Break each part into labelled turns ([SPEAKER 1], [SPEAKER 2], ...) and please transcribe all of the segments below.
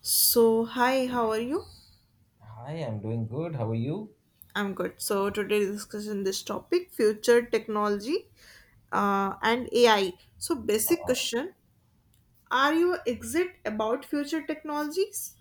[SPEAKER 1] So, hi, how are you?
[SPEAKER 2] Hi, I'm doing good. How are you?
[SPEAKER 1] I'm good. So, today discussion this topic future technology and AI. So, basic
[SPEAKER 2] Uh,
[SPEAKER 1] question. Are you exit about future technologies?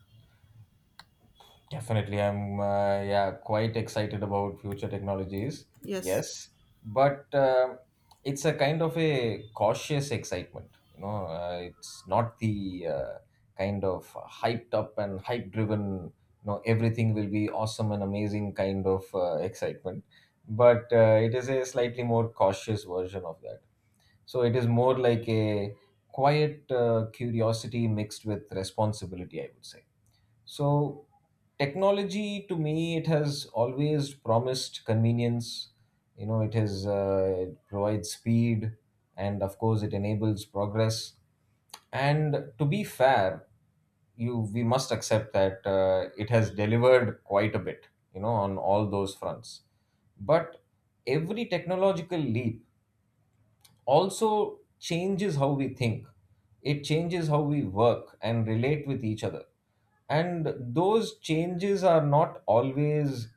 [SPEAKER 2] Definitely, I'm yeah quite excited about future technologies.
[SPEAKER 1] Yes.
[SPEAKER 2] Yes, but it's a kind of a cautious excitement. It's not the kind of hyped up and hype driven. You know, everything will be awesome and amazing kind of excitement, but it is a slightly more cautious version of that. So it is more like a quiet curiosity mixed with responsibility, I would say. So technology to me, it has always promised convenience. You know, it has it provides speed, and of course, it enables progress. And to be fair, you we must accept that it has delivered quite a bit, you know, on all those fronts. But every technological leap also changes how we think. It changes how we work and relate with each other. And those changes are not always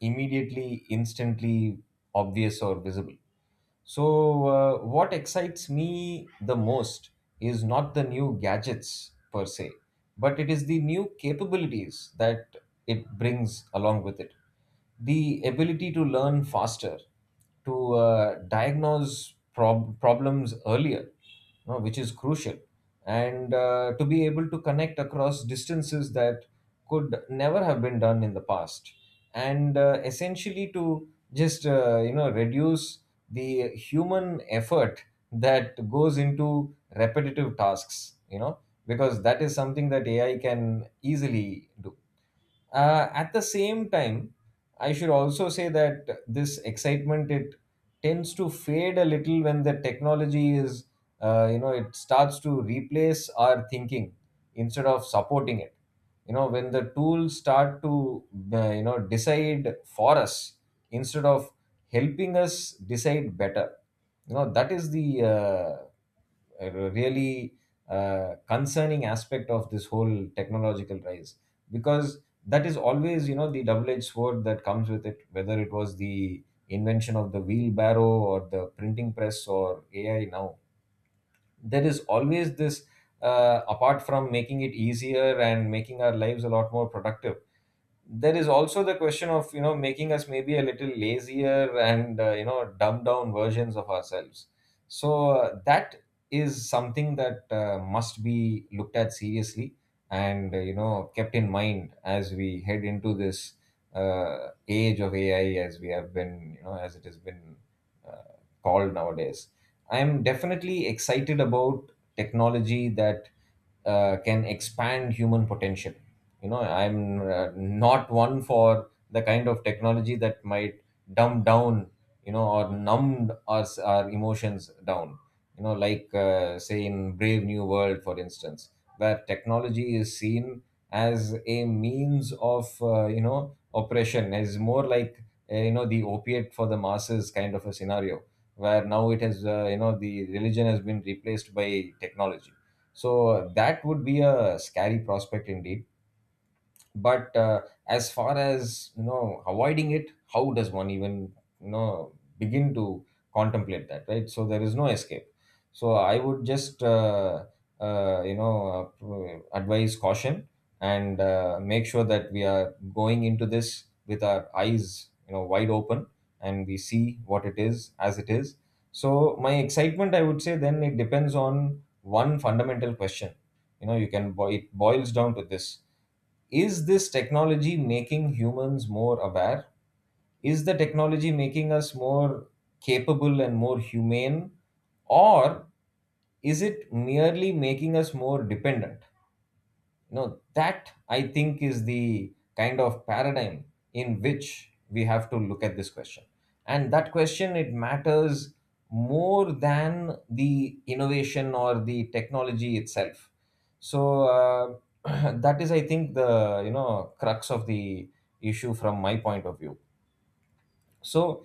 [SPEAKER 2] instantly obvious or visible. So, what excites me the most is not the new gadgets per se, but it is the new capabilities that it brings along with it: the ability to learn faster, to diagnose problems earlier, you know, which is crucial, and to be able to connect across distances that could never have been done in the past, and essentially to just reduce the human effort that goes into repetitive tasks, you know, because that is something that ai can easily do. At the same time, I should also say that this excitement it tends to fade a little when the technology is, it starts to replace our thinking instead of supporting it. You know, when the tools start to, decide for us instead of helping us decide better. You know, that is the a really concerning aspect of this whole technological rise, because that is always, you know, the double-edged sword that comes with it. Whether it was the invention of the wheelbarrow or the printing press or ai now, there is always this, apart from making it easier and making our lives a lot more productive, there is also the question of, you know, making us maybe a little lazier and, you know, dumbed down versions of ourselves. So that is something that must be looked at seriously and, you know, kept in mind as we head into this age of ai, as we have been, you know, as it has been uh, called nowadays. I'm definitely excited about technology that can expand human potential. You know, I'm not one for the kind of technology that might dumb down, you know, or numb us our emotions down. You know, like say in Brave New World, for instance, where technology is seen as a means of, you know, oppression, is more like, you know, the opiate for the masses kind of a scenario, where now it has, you know, the religion has been replaced by technology. So that would be a scary prospect indeed. But as far as, you know, avoiding it, how does one even, you know, begin to contemplate that, right? So there is no escape. So I would just advise caution and, make sure that we are going into this with our eyes, you know, wide open, and we see what it is as it is. So my excitement, I would say then, it depends on one fundamental question. You know, it boils down to this: is this technology making humans more aware? Is the technology making us more capable and more humane? Or is it merely making us more dependent? You know, that I think is the kind of paradigm in which we have to look at this question, and that question it matters more than the innovation or the technology itself. So that is, I think, the, you know, crux of the issue from my point of view. So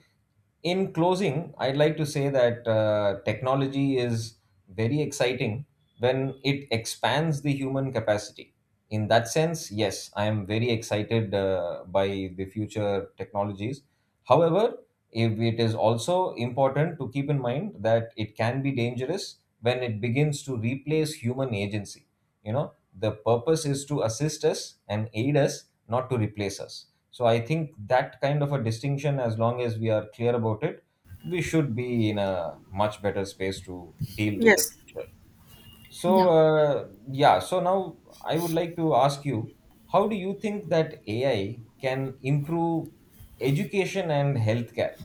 [SPEAKER 2] in closing, I'd like to say that technology is very exciting when it expands the human capacity. In that sense, yes, I am very excited by the future technologies. However, if it is also important to keep in mind that it can be dangerous when it begins to replace human agency. You know, the purpose is to assist us and aid us, not to replace us. So I think that kind of a distinction, as long as we are clear about it, we should be in a much better space to deal with the
[SPEAKER 1] Yes.
[SPEAKER 2] future. So
[SPEAKER 1] Yeah.
[SPEAKER 2] yeah, so now I would like to ask you, how do you think that AI can improve education and healthcare?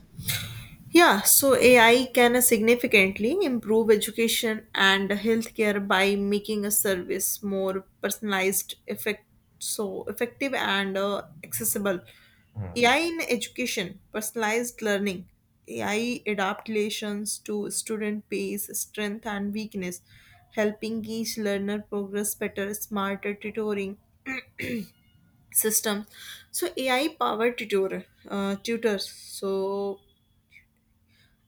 [SPEAKER 1] Yeah, so AI can significantly improve education and healthcare by making a service more personalized, effective and accessible.
[SPEAKER 2] Hmm.
[SPEAKER 1] AI in education, personalized learning, AI adaptations to student pace, strength and weakness, helping each learner progress better, smarter tutoring system. So AI powered tutors, so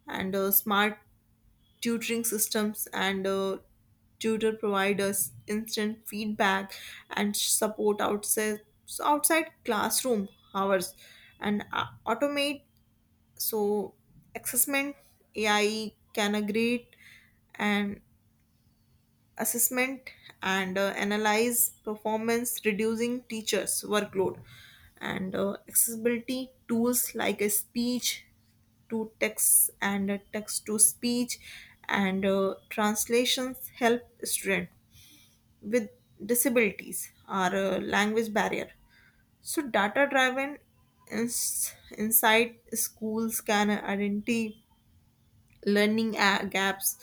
[SPEAKER 1] and smart tutoring systems and tutor providers instant feedback and support outside classroom hours and automate, so assessment. AI can grade and assessment and analyze performance, reducing teachers workload, and accessibility tools like a speech to text and text to speech and translations help students with disabilities or language barrier. So data driven ins- inside schools can identify learning gaps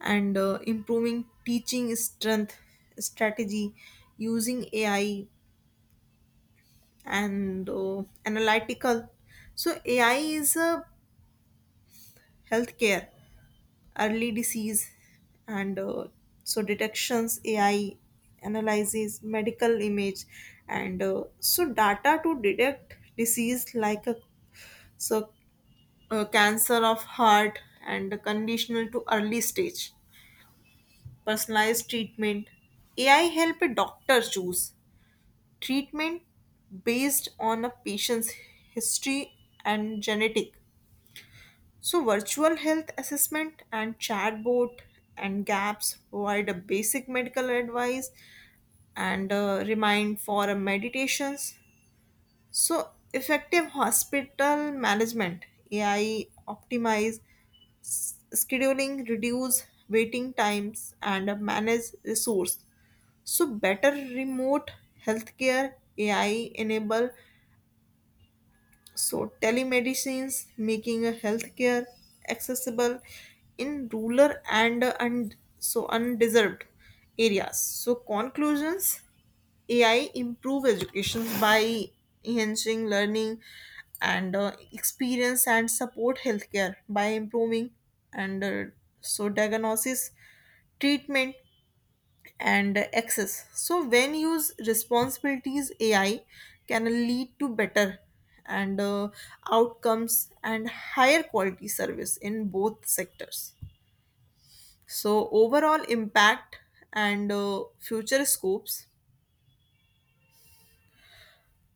[SPEAKER 1] and improving teaching strength strategy using AI and analytical. So AI is a healthcare early disease and so detections. AI analyzes medical image and so data to detect disease like a so cancer of heart and conditional to early stage personalized treatment. AI help a doctor choose treatment based on a patient's history and genetic. So, virtual health assessment and chatbot and gaps provide a basic medical advice and remind for a meditations. So, effective hospital management. AI optimize scheduling, reduce waiting times, and manage resource. So, better remote healthcare. AI enable, so, telemedicines, making a healthcare accessible in rural and so undeserved areas. So, conclusions: AI improve education by enhancing learning and experience and support healthcare by improving and so diagnosis, treatment, and access. So, when used responsibilities, AI can lead to better and outcomes and higher quality service in both sectors. So, overall impact and future scopes,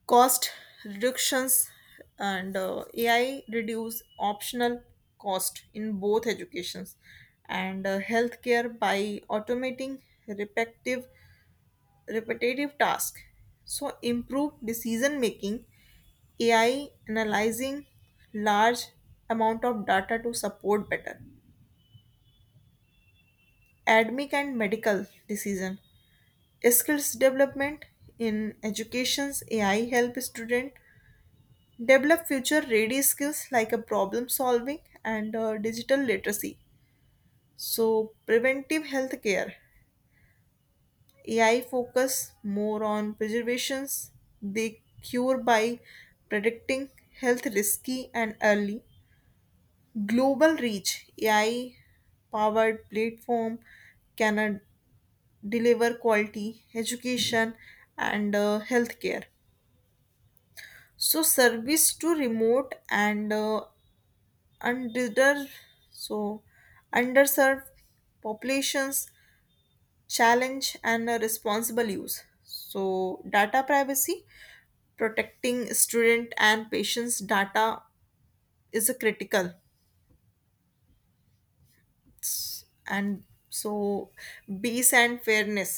[SPEAKER 1] cost reductions, and AI reduce optional cost in both educations and healthcare by automating repetitive repetitive tasks. So, improved decision making, AI analyzing large amount of data to support better academic and medical decision, skills development in education's. AI help student develop future ready skills like a problem solving and digital literacy. So, preventive health care. AI focus more on preservations, they cure by predicting health risky and early. Global reach. AI powered platform can deliver quality education and healthcare. So service to remote and under so underserved populations challenge and responsible use. So data privacy, protecting student and patients data is a critical, and so base and fairness.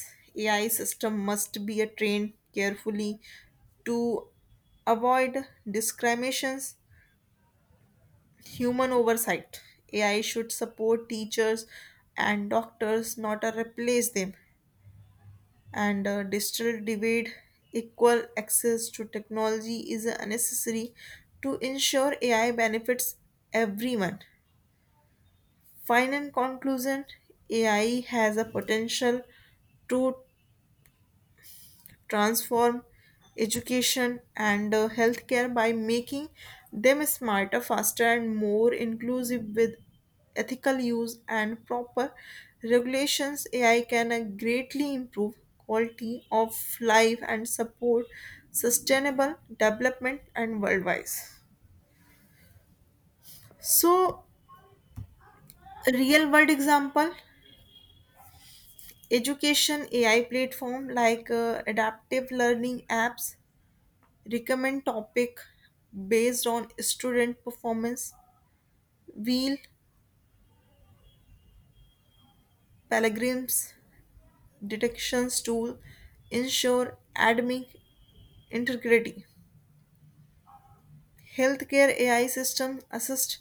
[SPEAKER 1] AI system must be a trained carefully to avoid discriminations. Human oversight, AI should support teachers and doctors, not replace them, and digital divide, equal access to technology is unnecessary to ensure AI benefits everyone. Final conclusion, AI has a potential to transform education and healthcare by making them smarter, faster, and more inclusive with ethical use and proper regulations. AI can greatly improve quality of life and support sustainable development and worldwide. So, real world example. Education AI platform like adaptive learning apps recommend topic based on student performance. Wheel Pellegrim's detections tool ensure academic integrity. Healthcare AI system assist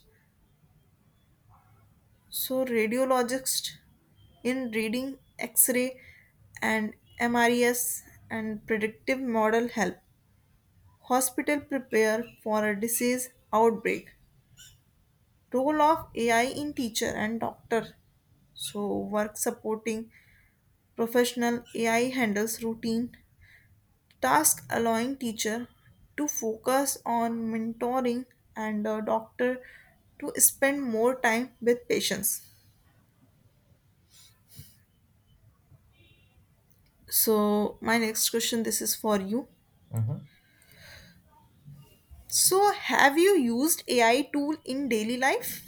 [SPEAKER 1] so radiologists in reading X-ray and MRES and predictive model help. Hospital prepare for a disease outbreak. Role of AI in teacher and doctor. So work supporting professional. AI handles routine task allowing teacher to focus on mentoring and doctor to spend more time with patients. So my next question, this is for you.
[SPEAKER 2] Mm-hmm.
[SPEAKER 1] So have you used AI tool in daily life?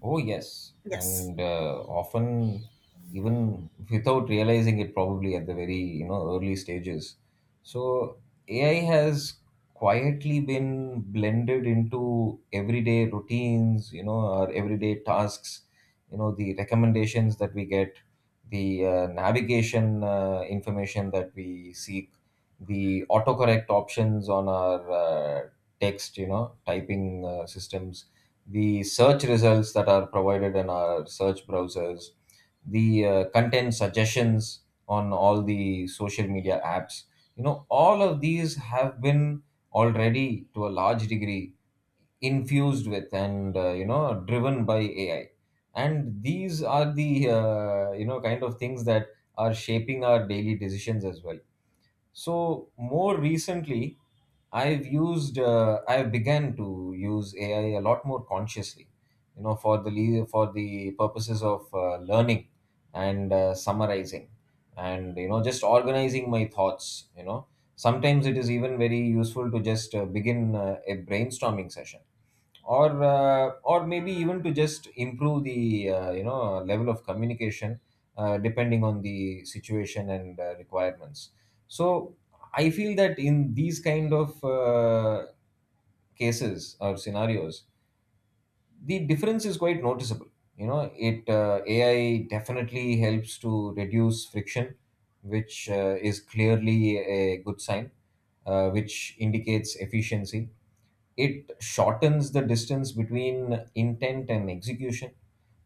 [SPEAKER 2] Oh, yes.
[SPEAKER 1] Yes.
[SPEAKER 2] And often, even without realizing it, probably at the very, you know, early stages. So AI has quietly been blended into everyday routines, you know, our everyday tasks, you know, the recommendations that we get, the navigation information that we seek, the autocorrect options on our text, you know, typing systems, the search results that are provided in our search browsers, the content suggestions on all the social media apps. You know, all of these have been already to a large degree infused with and, you know, driven by AI. And these are the, you know, kind of things that are shaping our daily decisions as well. So more recently, I've began to use AI a lot more consciously, you know, for for the purposes of learning and summarizing, and, you know, just organizing my thoughts. You know, sometimes it is even very useful to just begin a brainstorming session, or maybe even to just improve the, you know, level of communication, depending on the situation and requirements. So I feel that in these kind of cases or scenarios, the difference is quite noticeable. You know, it ai definitely helps to reduce friction, which is clearly a good sign, which indicates efficiency. It shortens the distance between intent and execution.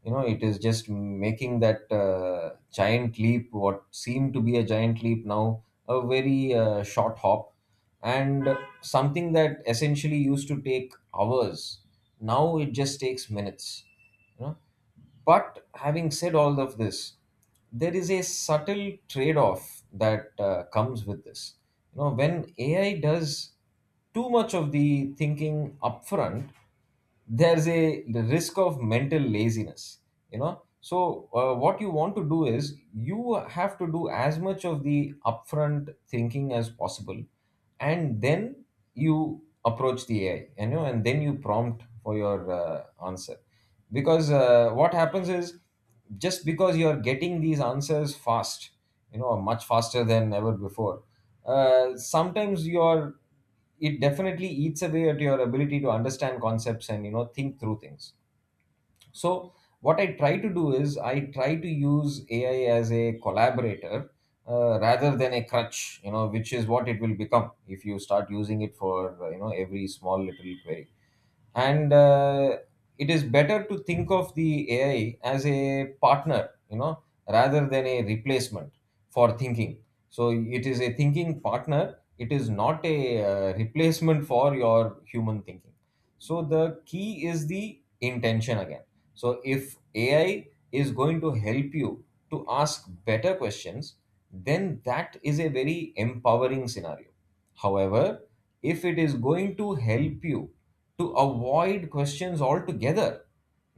[SPEAKER 2] You know, it is just making that giant leap, what seemed to be a giant leap now a very short hop. And something that essentially used to take hours now it just takes minutes, you know. But having said all of this, there is a subtle trade off that comes with this. You know, when AI does too much of the thinking upfront, there's a the risk of mental laziness. You know, so what you want to do is you have to do as much of the upfront thinking as possible, and then you approach the ai, you know, and then you prompt for your answer. Because what happens is, just because you are getting these answers fast, you know, much faster than ever before, sometimes your, it definitely eats away at your ability to understand concepts and, you know, think through things. So, what I try to do is I try to use AI as a collaborator, rather than a crutch, you know, which is what it will become if you start using it for, you know, every small little query. And it is better to think of the AI as a partner, you know, rather than a replacement for thinking. So, it is a thinking partner, it is not a replacement for your human thinking. So, the key is the intention again. So if AI is going to help you to ask better questions, then that is a very empowering scenario. However, if it is going to help you to avoid questions altogether,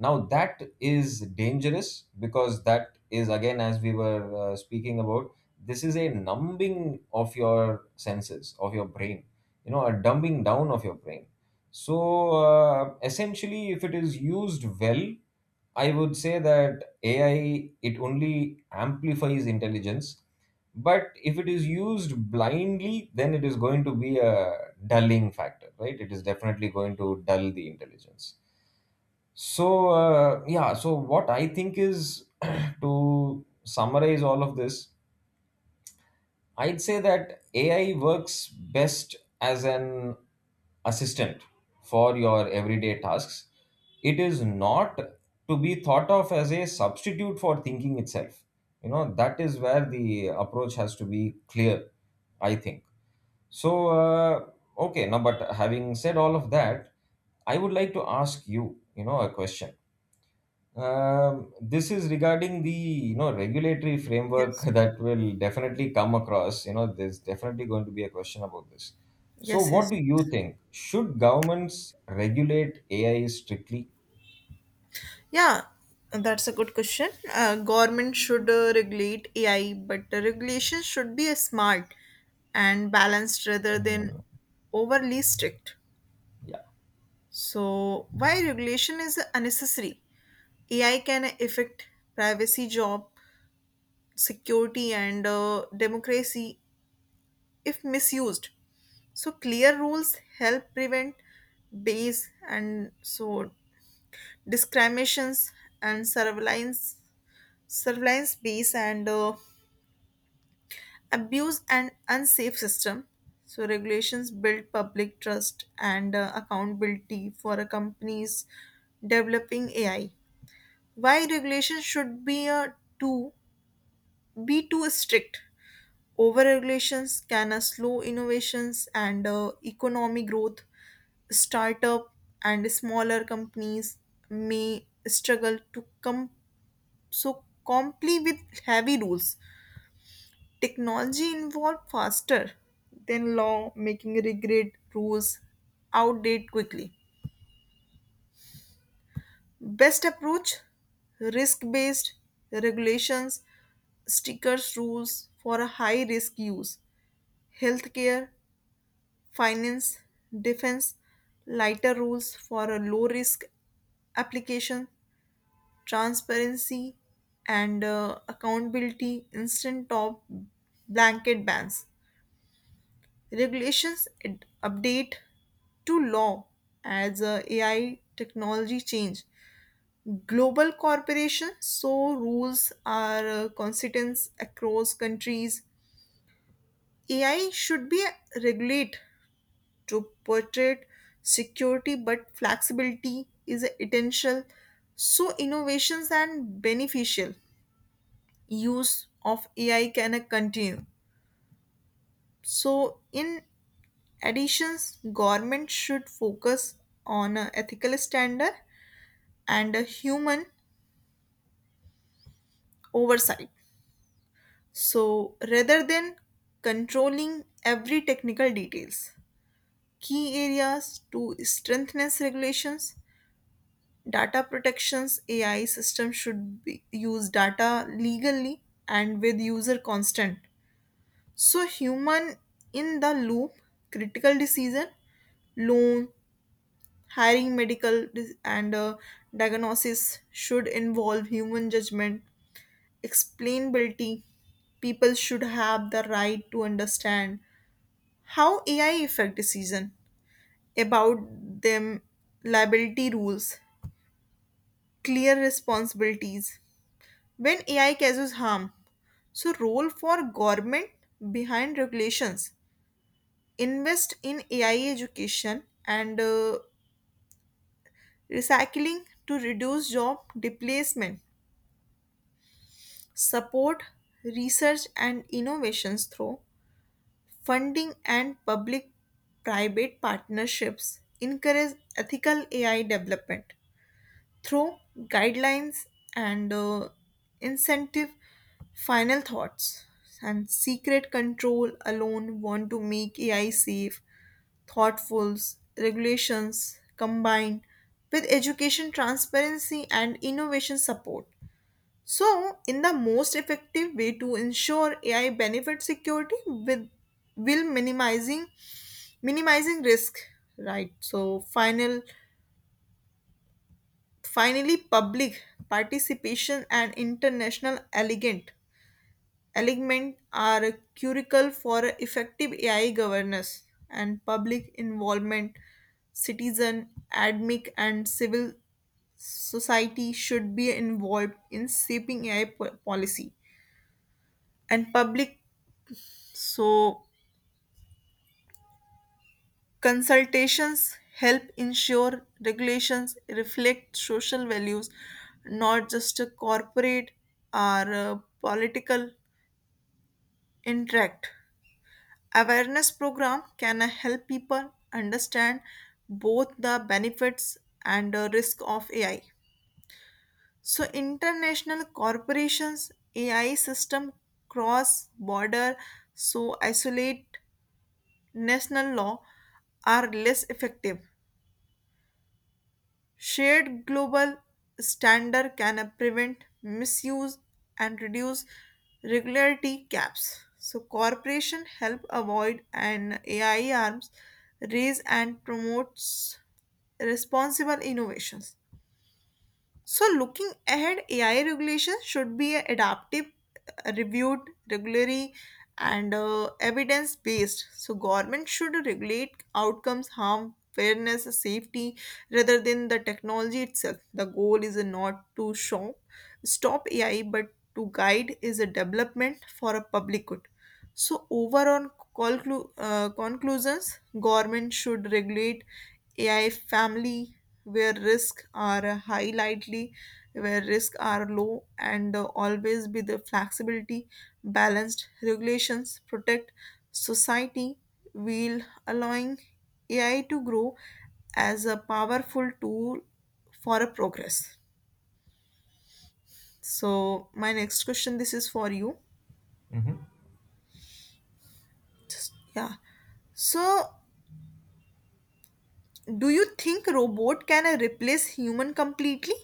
[SPEAKER 2] now that is dangerous, because that is again, as we were speaking about, this is a numbing of your senses, of your brain, you know, a dumbing down of your brain. So essentially, if it is used well, I would say that AI it only amplifies intelligence. But if it is used blindly, then it is going to be a dulling factor, right? It is definitely going to dull the intelligence. So yeah, so what I think is to summarize all of this, I'd say that AI works best as an assistant for your everyday tasks. It is not to be thought of as a substitute for thinking itself. You know, that is where the approach has to be clear, I think. So, okay, now, but having said all of that, I would like to ask you, you know, a question. This is regarding the, you know, regulatory framework
[SPEAKER 1] Yes.
[SPEAKER 2] that will definitely come across. You know, there's definitely going to be a question about this. So,
[SPEAKER 1] Yes,
[SPEAKER 2] what
[SPEAKER 1] yes.
[SPEAKER 2] do you think? Should governments regulate AI strictly?
[SPEAKER 1] Yeah, that's a good question. Government should regulate AI, but the regulation should be smart and balanced rather than overly strict. So, why regulation is unnecessary? AI can affect privacy, job security, and democracy if misused. So, clear rules help prevent base and so discriminations and surveillance base and abuse and unsafe system. So regulations build public trust and accountability for a companies developing AI. Why regulations should be a too be too strict. Over regulations can slow innovations and economic growth. Startup and smaller companies may struggle to come so comply with heavy rules. Technology evolved faster than law, making regret rules outdated quickly. Best approach, risk based regulations, stickers rules for a high risk use, healthcare, finance, defense, lighter rules for a low risk application, transparency and accountability, instant top blanket bans. Regulations update to law as AI technology change. Global corporations, so rules are consistent across countries. AI should be regulate to portray security, but flexibility is essential. So innovations and beneficial use of AI can continue. So in additions, government should focus on a ethical standard and a human oversight. So rather than controlling every technical details, key areas to strengthen regulations, data protections, AI system should be, use data legally and with user consent. So human in the loop, critical decision, loan, hiring, medical and diagnosis should involve human judgment, explainability. People should have the right to understand how AI affect decision about them, liability rules, clear responsibilities. When AI causes harm, so role for government behind regulations. Invest in AI education and recycling to reduce job displacement. Support research and innovations through funding and public private partnerships, encourage ethical AI development through guidelines and incentive. Final thoughts, and secret control alone want to make AI safe. Thoughtful regulations combined with education, transparency and innovation support. So, in the most effective way to ensure AI benefits security with, will minimizing risk, right? So, final, finally public participation and international elegant element are critical for effective AI governance and public involvement. Citizen, academic, and civil society should be involved in shaping AI policy and public. So, consultations help ensure regulations reflect social values, not just a corporate or a political interact. Awareness program can help people understand both the benefits and the risk of AI. So, international corporations. AI system cross border, so isolate national law are less effective. Shared global standard can prevent misuse and reduce regularity gaps. So corporation help avoid and AI arms raise and promotes responsible innovations. So, looking ahead, AI regulations should be adaptive, reviewed regularly, and evidence based. So, government should regulate outcomes, harm, fairness, safety, rather than the technology itself. The goal is not to stop AI, but to guide is a development for a public good. So overall conclusions, government should regulate AI family where risks are high lightly, where risks are low, and always be the flexibility, balanced regulations protect society while allowing AI to grow as a powerful tool for a progress. So my next question, this is for you. Just, yeah. So do you think robot can replace human completely?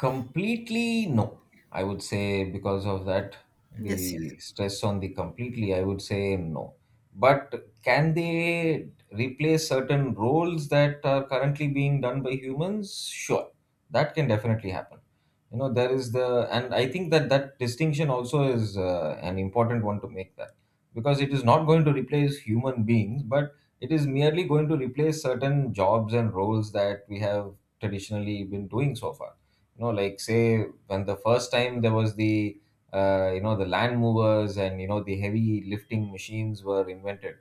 [SPEAKER 2] Completely, no. I would say because of that,
[SPEAKER 1] Yes, yes.
[SPEAKER 2] the stress on the completely, I would say no. But can they replace certain roles that are currently being done by humans? Sure, that can definitely happen. You know, there is the, and I think that distinction also is an important one to make that because it is not going to replace human beings, but it is merely going to replace certain jobs and roles that we have traditionally been doing so far, you know, like say when the first time there was the you know, the land movers and you know the heavy lifting machines were invented,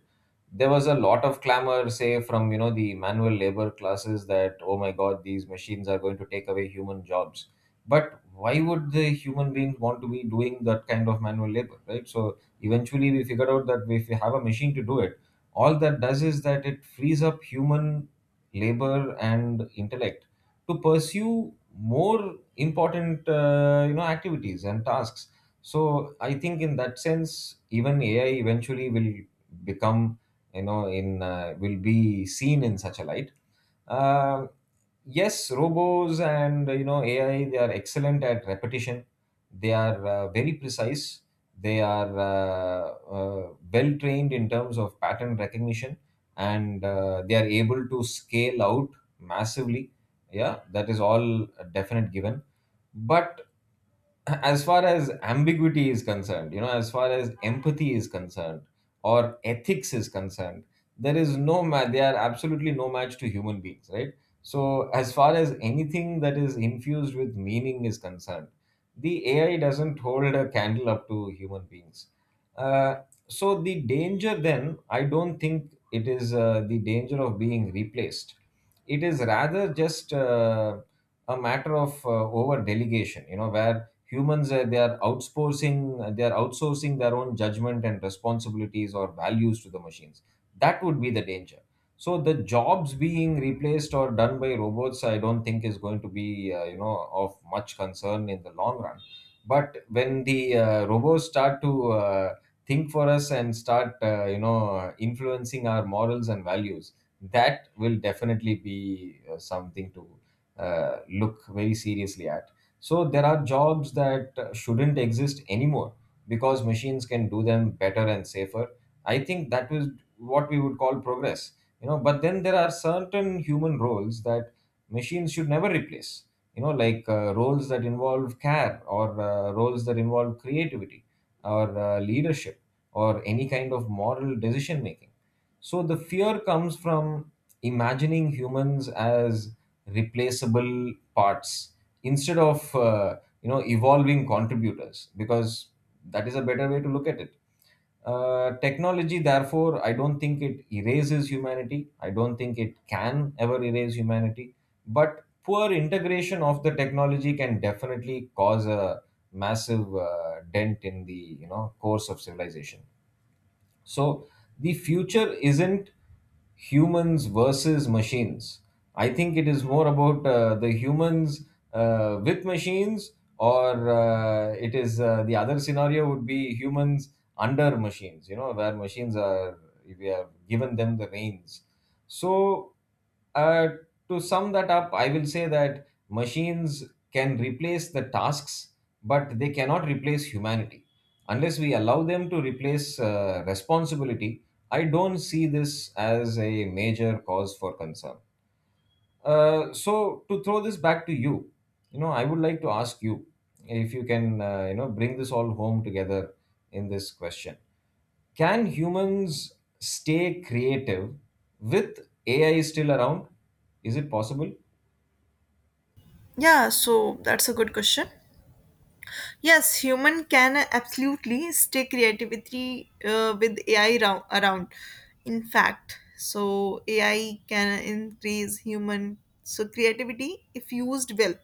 [SPEAKER 2] there was a lot of clamor, say, from you know the manual labor classes that oh my god, these machines are going to take away human jobs. But why would the human beings want to be doing that kind of manual labor, right? So eventually we figured out that if we have a machine to do it, all that does is that it frees up human labor and intellect to pursue more important you know, activities and tasks. So I think in that sense even AI eventually will become, you know, in will be seen in such a light. uh, yes, robos and you know AI, they are excellent at repetition. They are very precise. They are well trained in terms of pattern recognition, and they are able to scale out massively. Yeah, that is all a definite given. But as far as ambiguity is concerned, you know, as far as empathy is concerned or ethics is concerned, there is no match. They are absolutely no match to human beings, right? So as far as anything that is infused with meaning is concerned, the AI doesn't hold a candle up to human beings. uh, so the danger then, I don't think it is the danger of being replaced. It is rather just a matter of over delegation, you know, where humans they are outsourcing, they are outsourcing their own judgment and responsibilities or values to the machines. That would be the danger. So the jobs being replaced or done by robots, I don't think is going to be you know, of much concern in the long run. But when the robots start to think for us and start you know, influencing our morals and values, that will definitely be something to look very seriously at. So there are jobs that shouldn't exist anymore because machines can do them better and safer. I think that was what we would call progress, you know. But then there are certain human roles that machines should never replace, you know, like roles that involve care or roles that involve creativity or leadership or any kind of moral decision making. So the fear comes from imagining humans as replaceable parts instead of you know, evolving contributors, because that is a better way to look at it. Technology, therefore, I don't think it erases humanity. I don't think it can ever erase humanity. But poor integration of the technology can definitely cause a massive dent in the, you know, course of civilization. So the future isn't humans versus machines. I think it is more about the humans with machines, or it is the other scenario would be humans under machines, you know, where machines are, we have given them the reins. So, uh, to sum that up, I will say that machines can replace the tasks, but they cannot replace humanity. Unless we allow them to replace responsibility, I don't see this as a major cause for concern. So, to throw this back to you, you know, I would like to ask you if you can, you know, bring this all home together in this question. Can humans stay creative with AI still around? Is it possible?
[SPEAKER 1] Yeah, so that's a good question. Yes, human can absolutely stay creativity with AI around. In fact, so AI can increase human, so creativity if used well.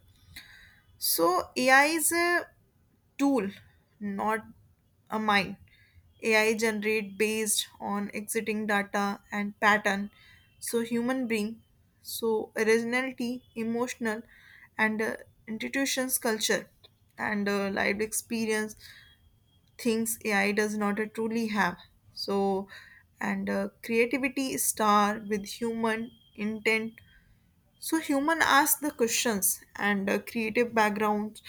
[SPEAKER 1] So AI is a tool, not a mine. AI generate based on exiting data and pattern. So human being, so originality, emotional, and institutions culture and lived experience things AI does not truly have. So and creativity star with human intent, so human ask the questions and creative backgrounds.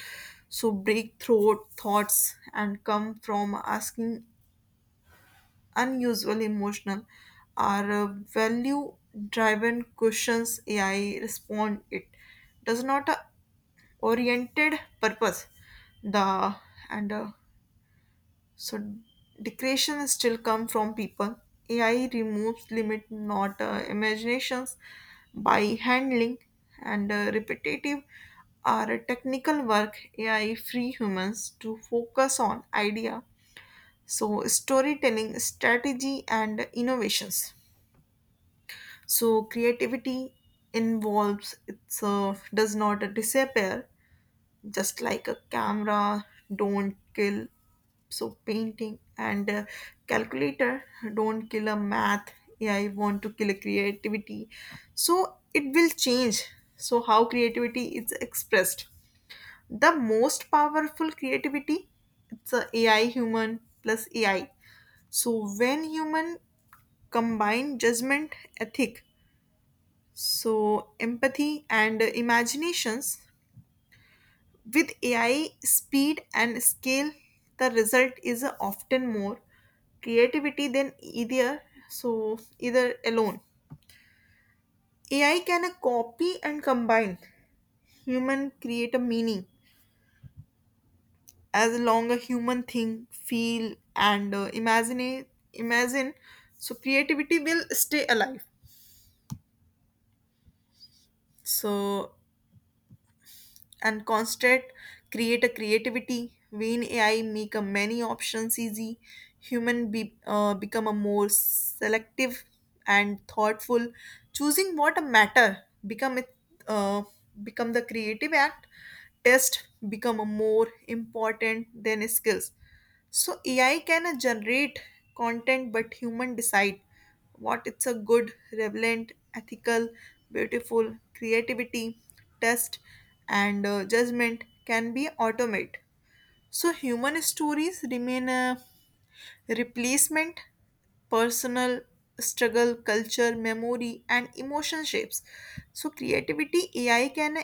[SPEAKER 1] So breakthrough thoughts and come from asking unusual emotional or value driven questions. AI respond it does not oriented purpose the and so decreation is still come from people. AI removes limit not imaginations by handling and repetitive or technical work. AI free humans to focus on idea. So storytelling, strategy, and innovations. So creativity involves it's does not disappear just like a camera don't kill so painting and calculator don't kill a math. AI want to kill a creativity, so it will change so how creativity is expressed. The most powerful creativity it's a AI human plus AI, so when human combine judgment ethic so empathy and imaginations with AI, speed and scale, the result is often more creativity than either so either alone. AI can copy and combine human create a meaning as long a human think, feel, and imagine. So creativity will stay alive. So and constraint create a creativity when AI make a many options easy, human be, become a more selective and thoughtful, choosing what matter become it, uh, become the creative act test become a more important than skills. So AI can generate content, but human decide what it's a good, relevant, ethical, beautiful, creativity, test, and judgment can be automate. So human stories remain replacement, personal struggle, culture, memory, and emotion shapes. So, creativity AI can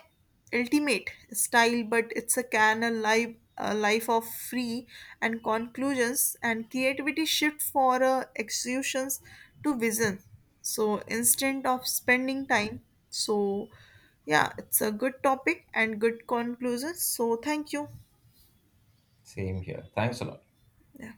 [SPEAKER 1] ultimate style, but it's a can a life of free and conclusions and creativity shift for executions to vision. So instead of spending time, so yeah, it's a good topic and good conclusions. So thank you.
[SPEAKER 2] Same here. Thanks a lot.
[SPEAKER 1] Yeah.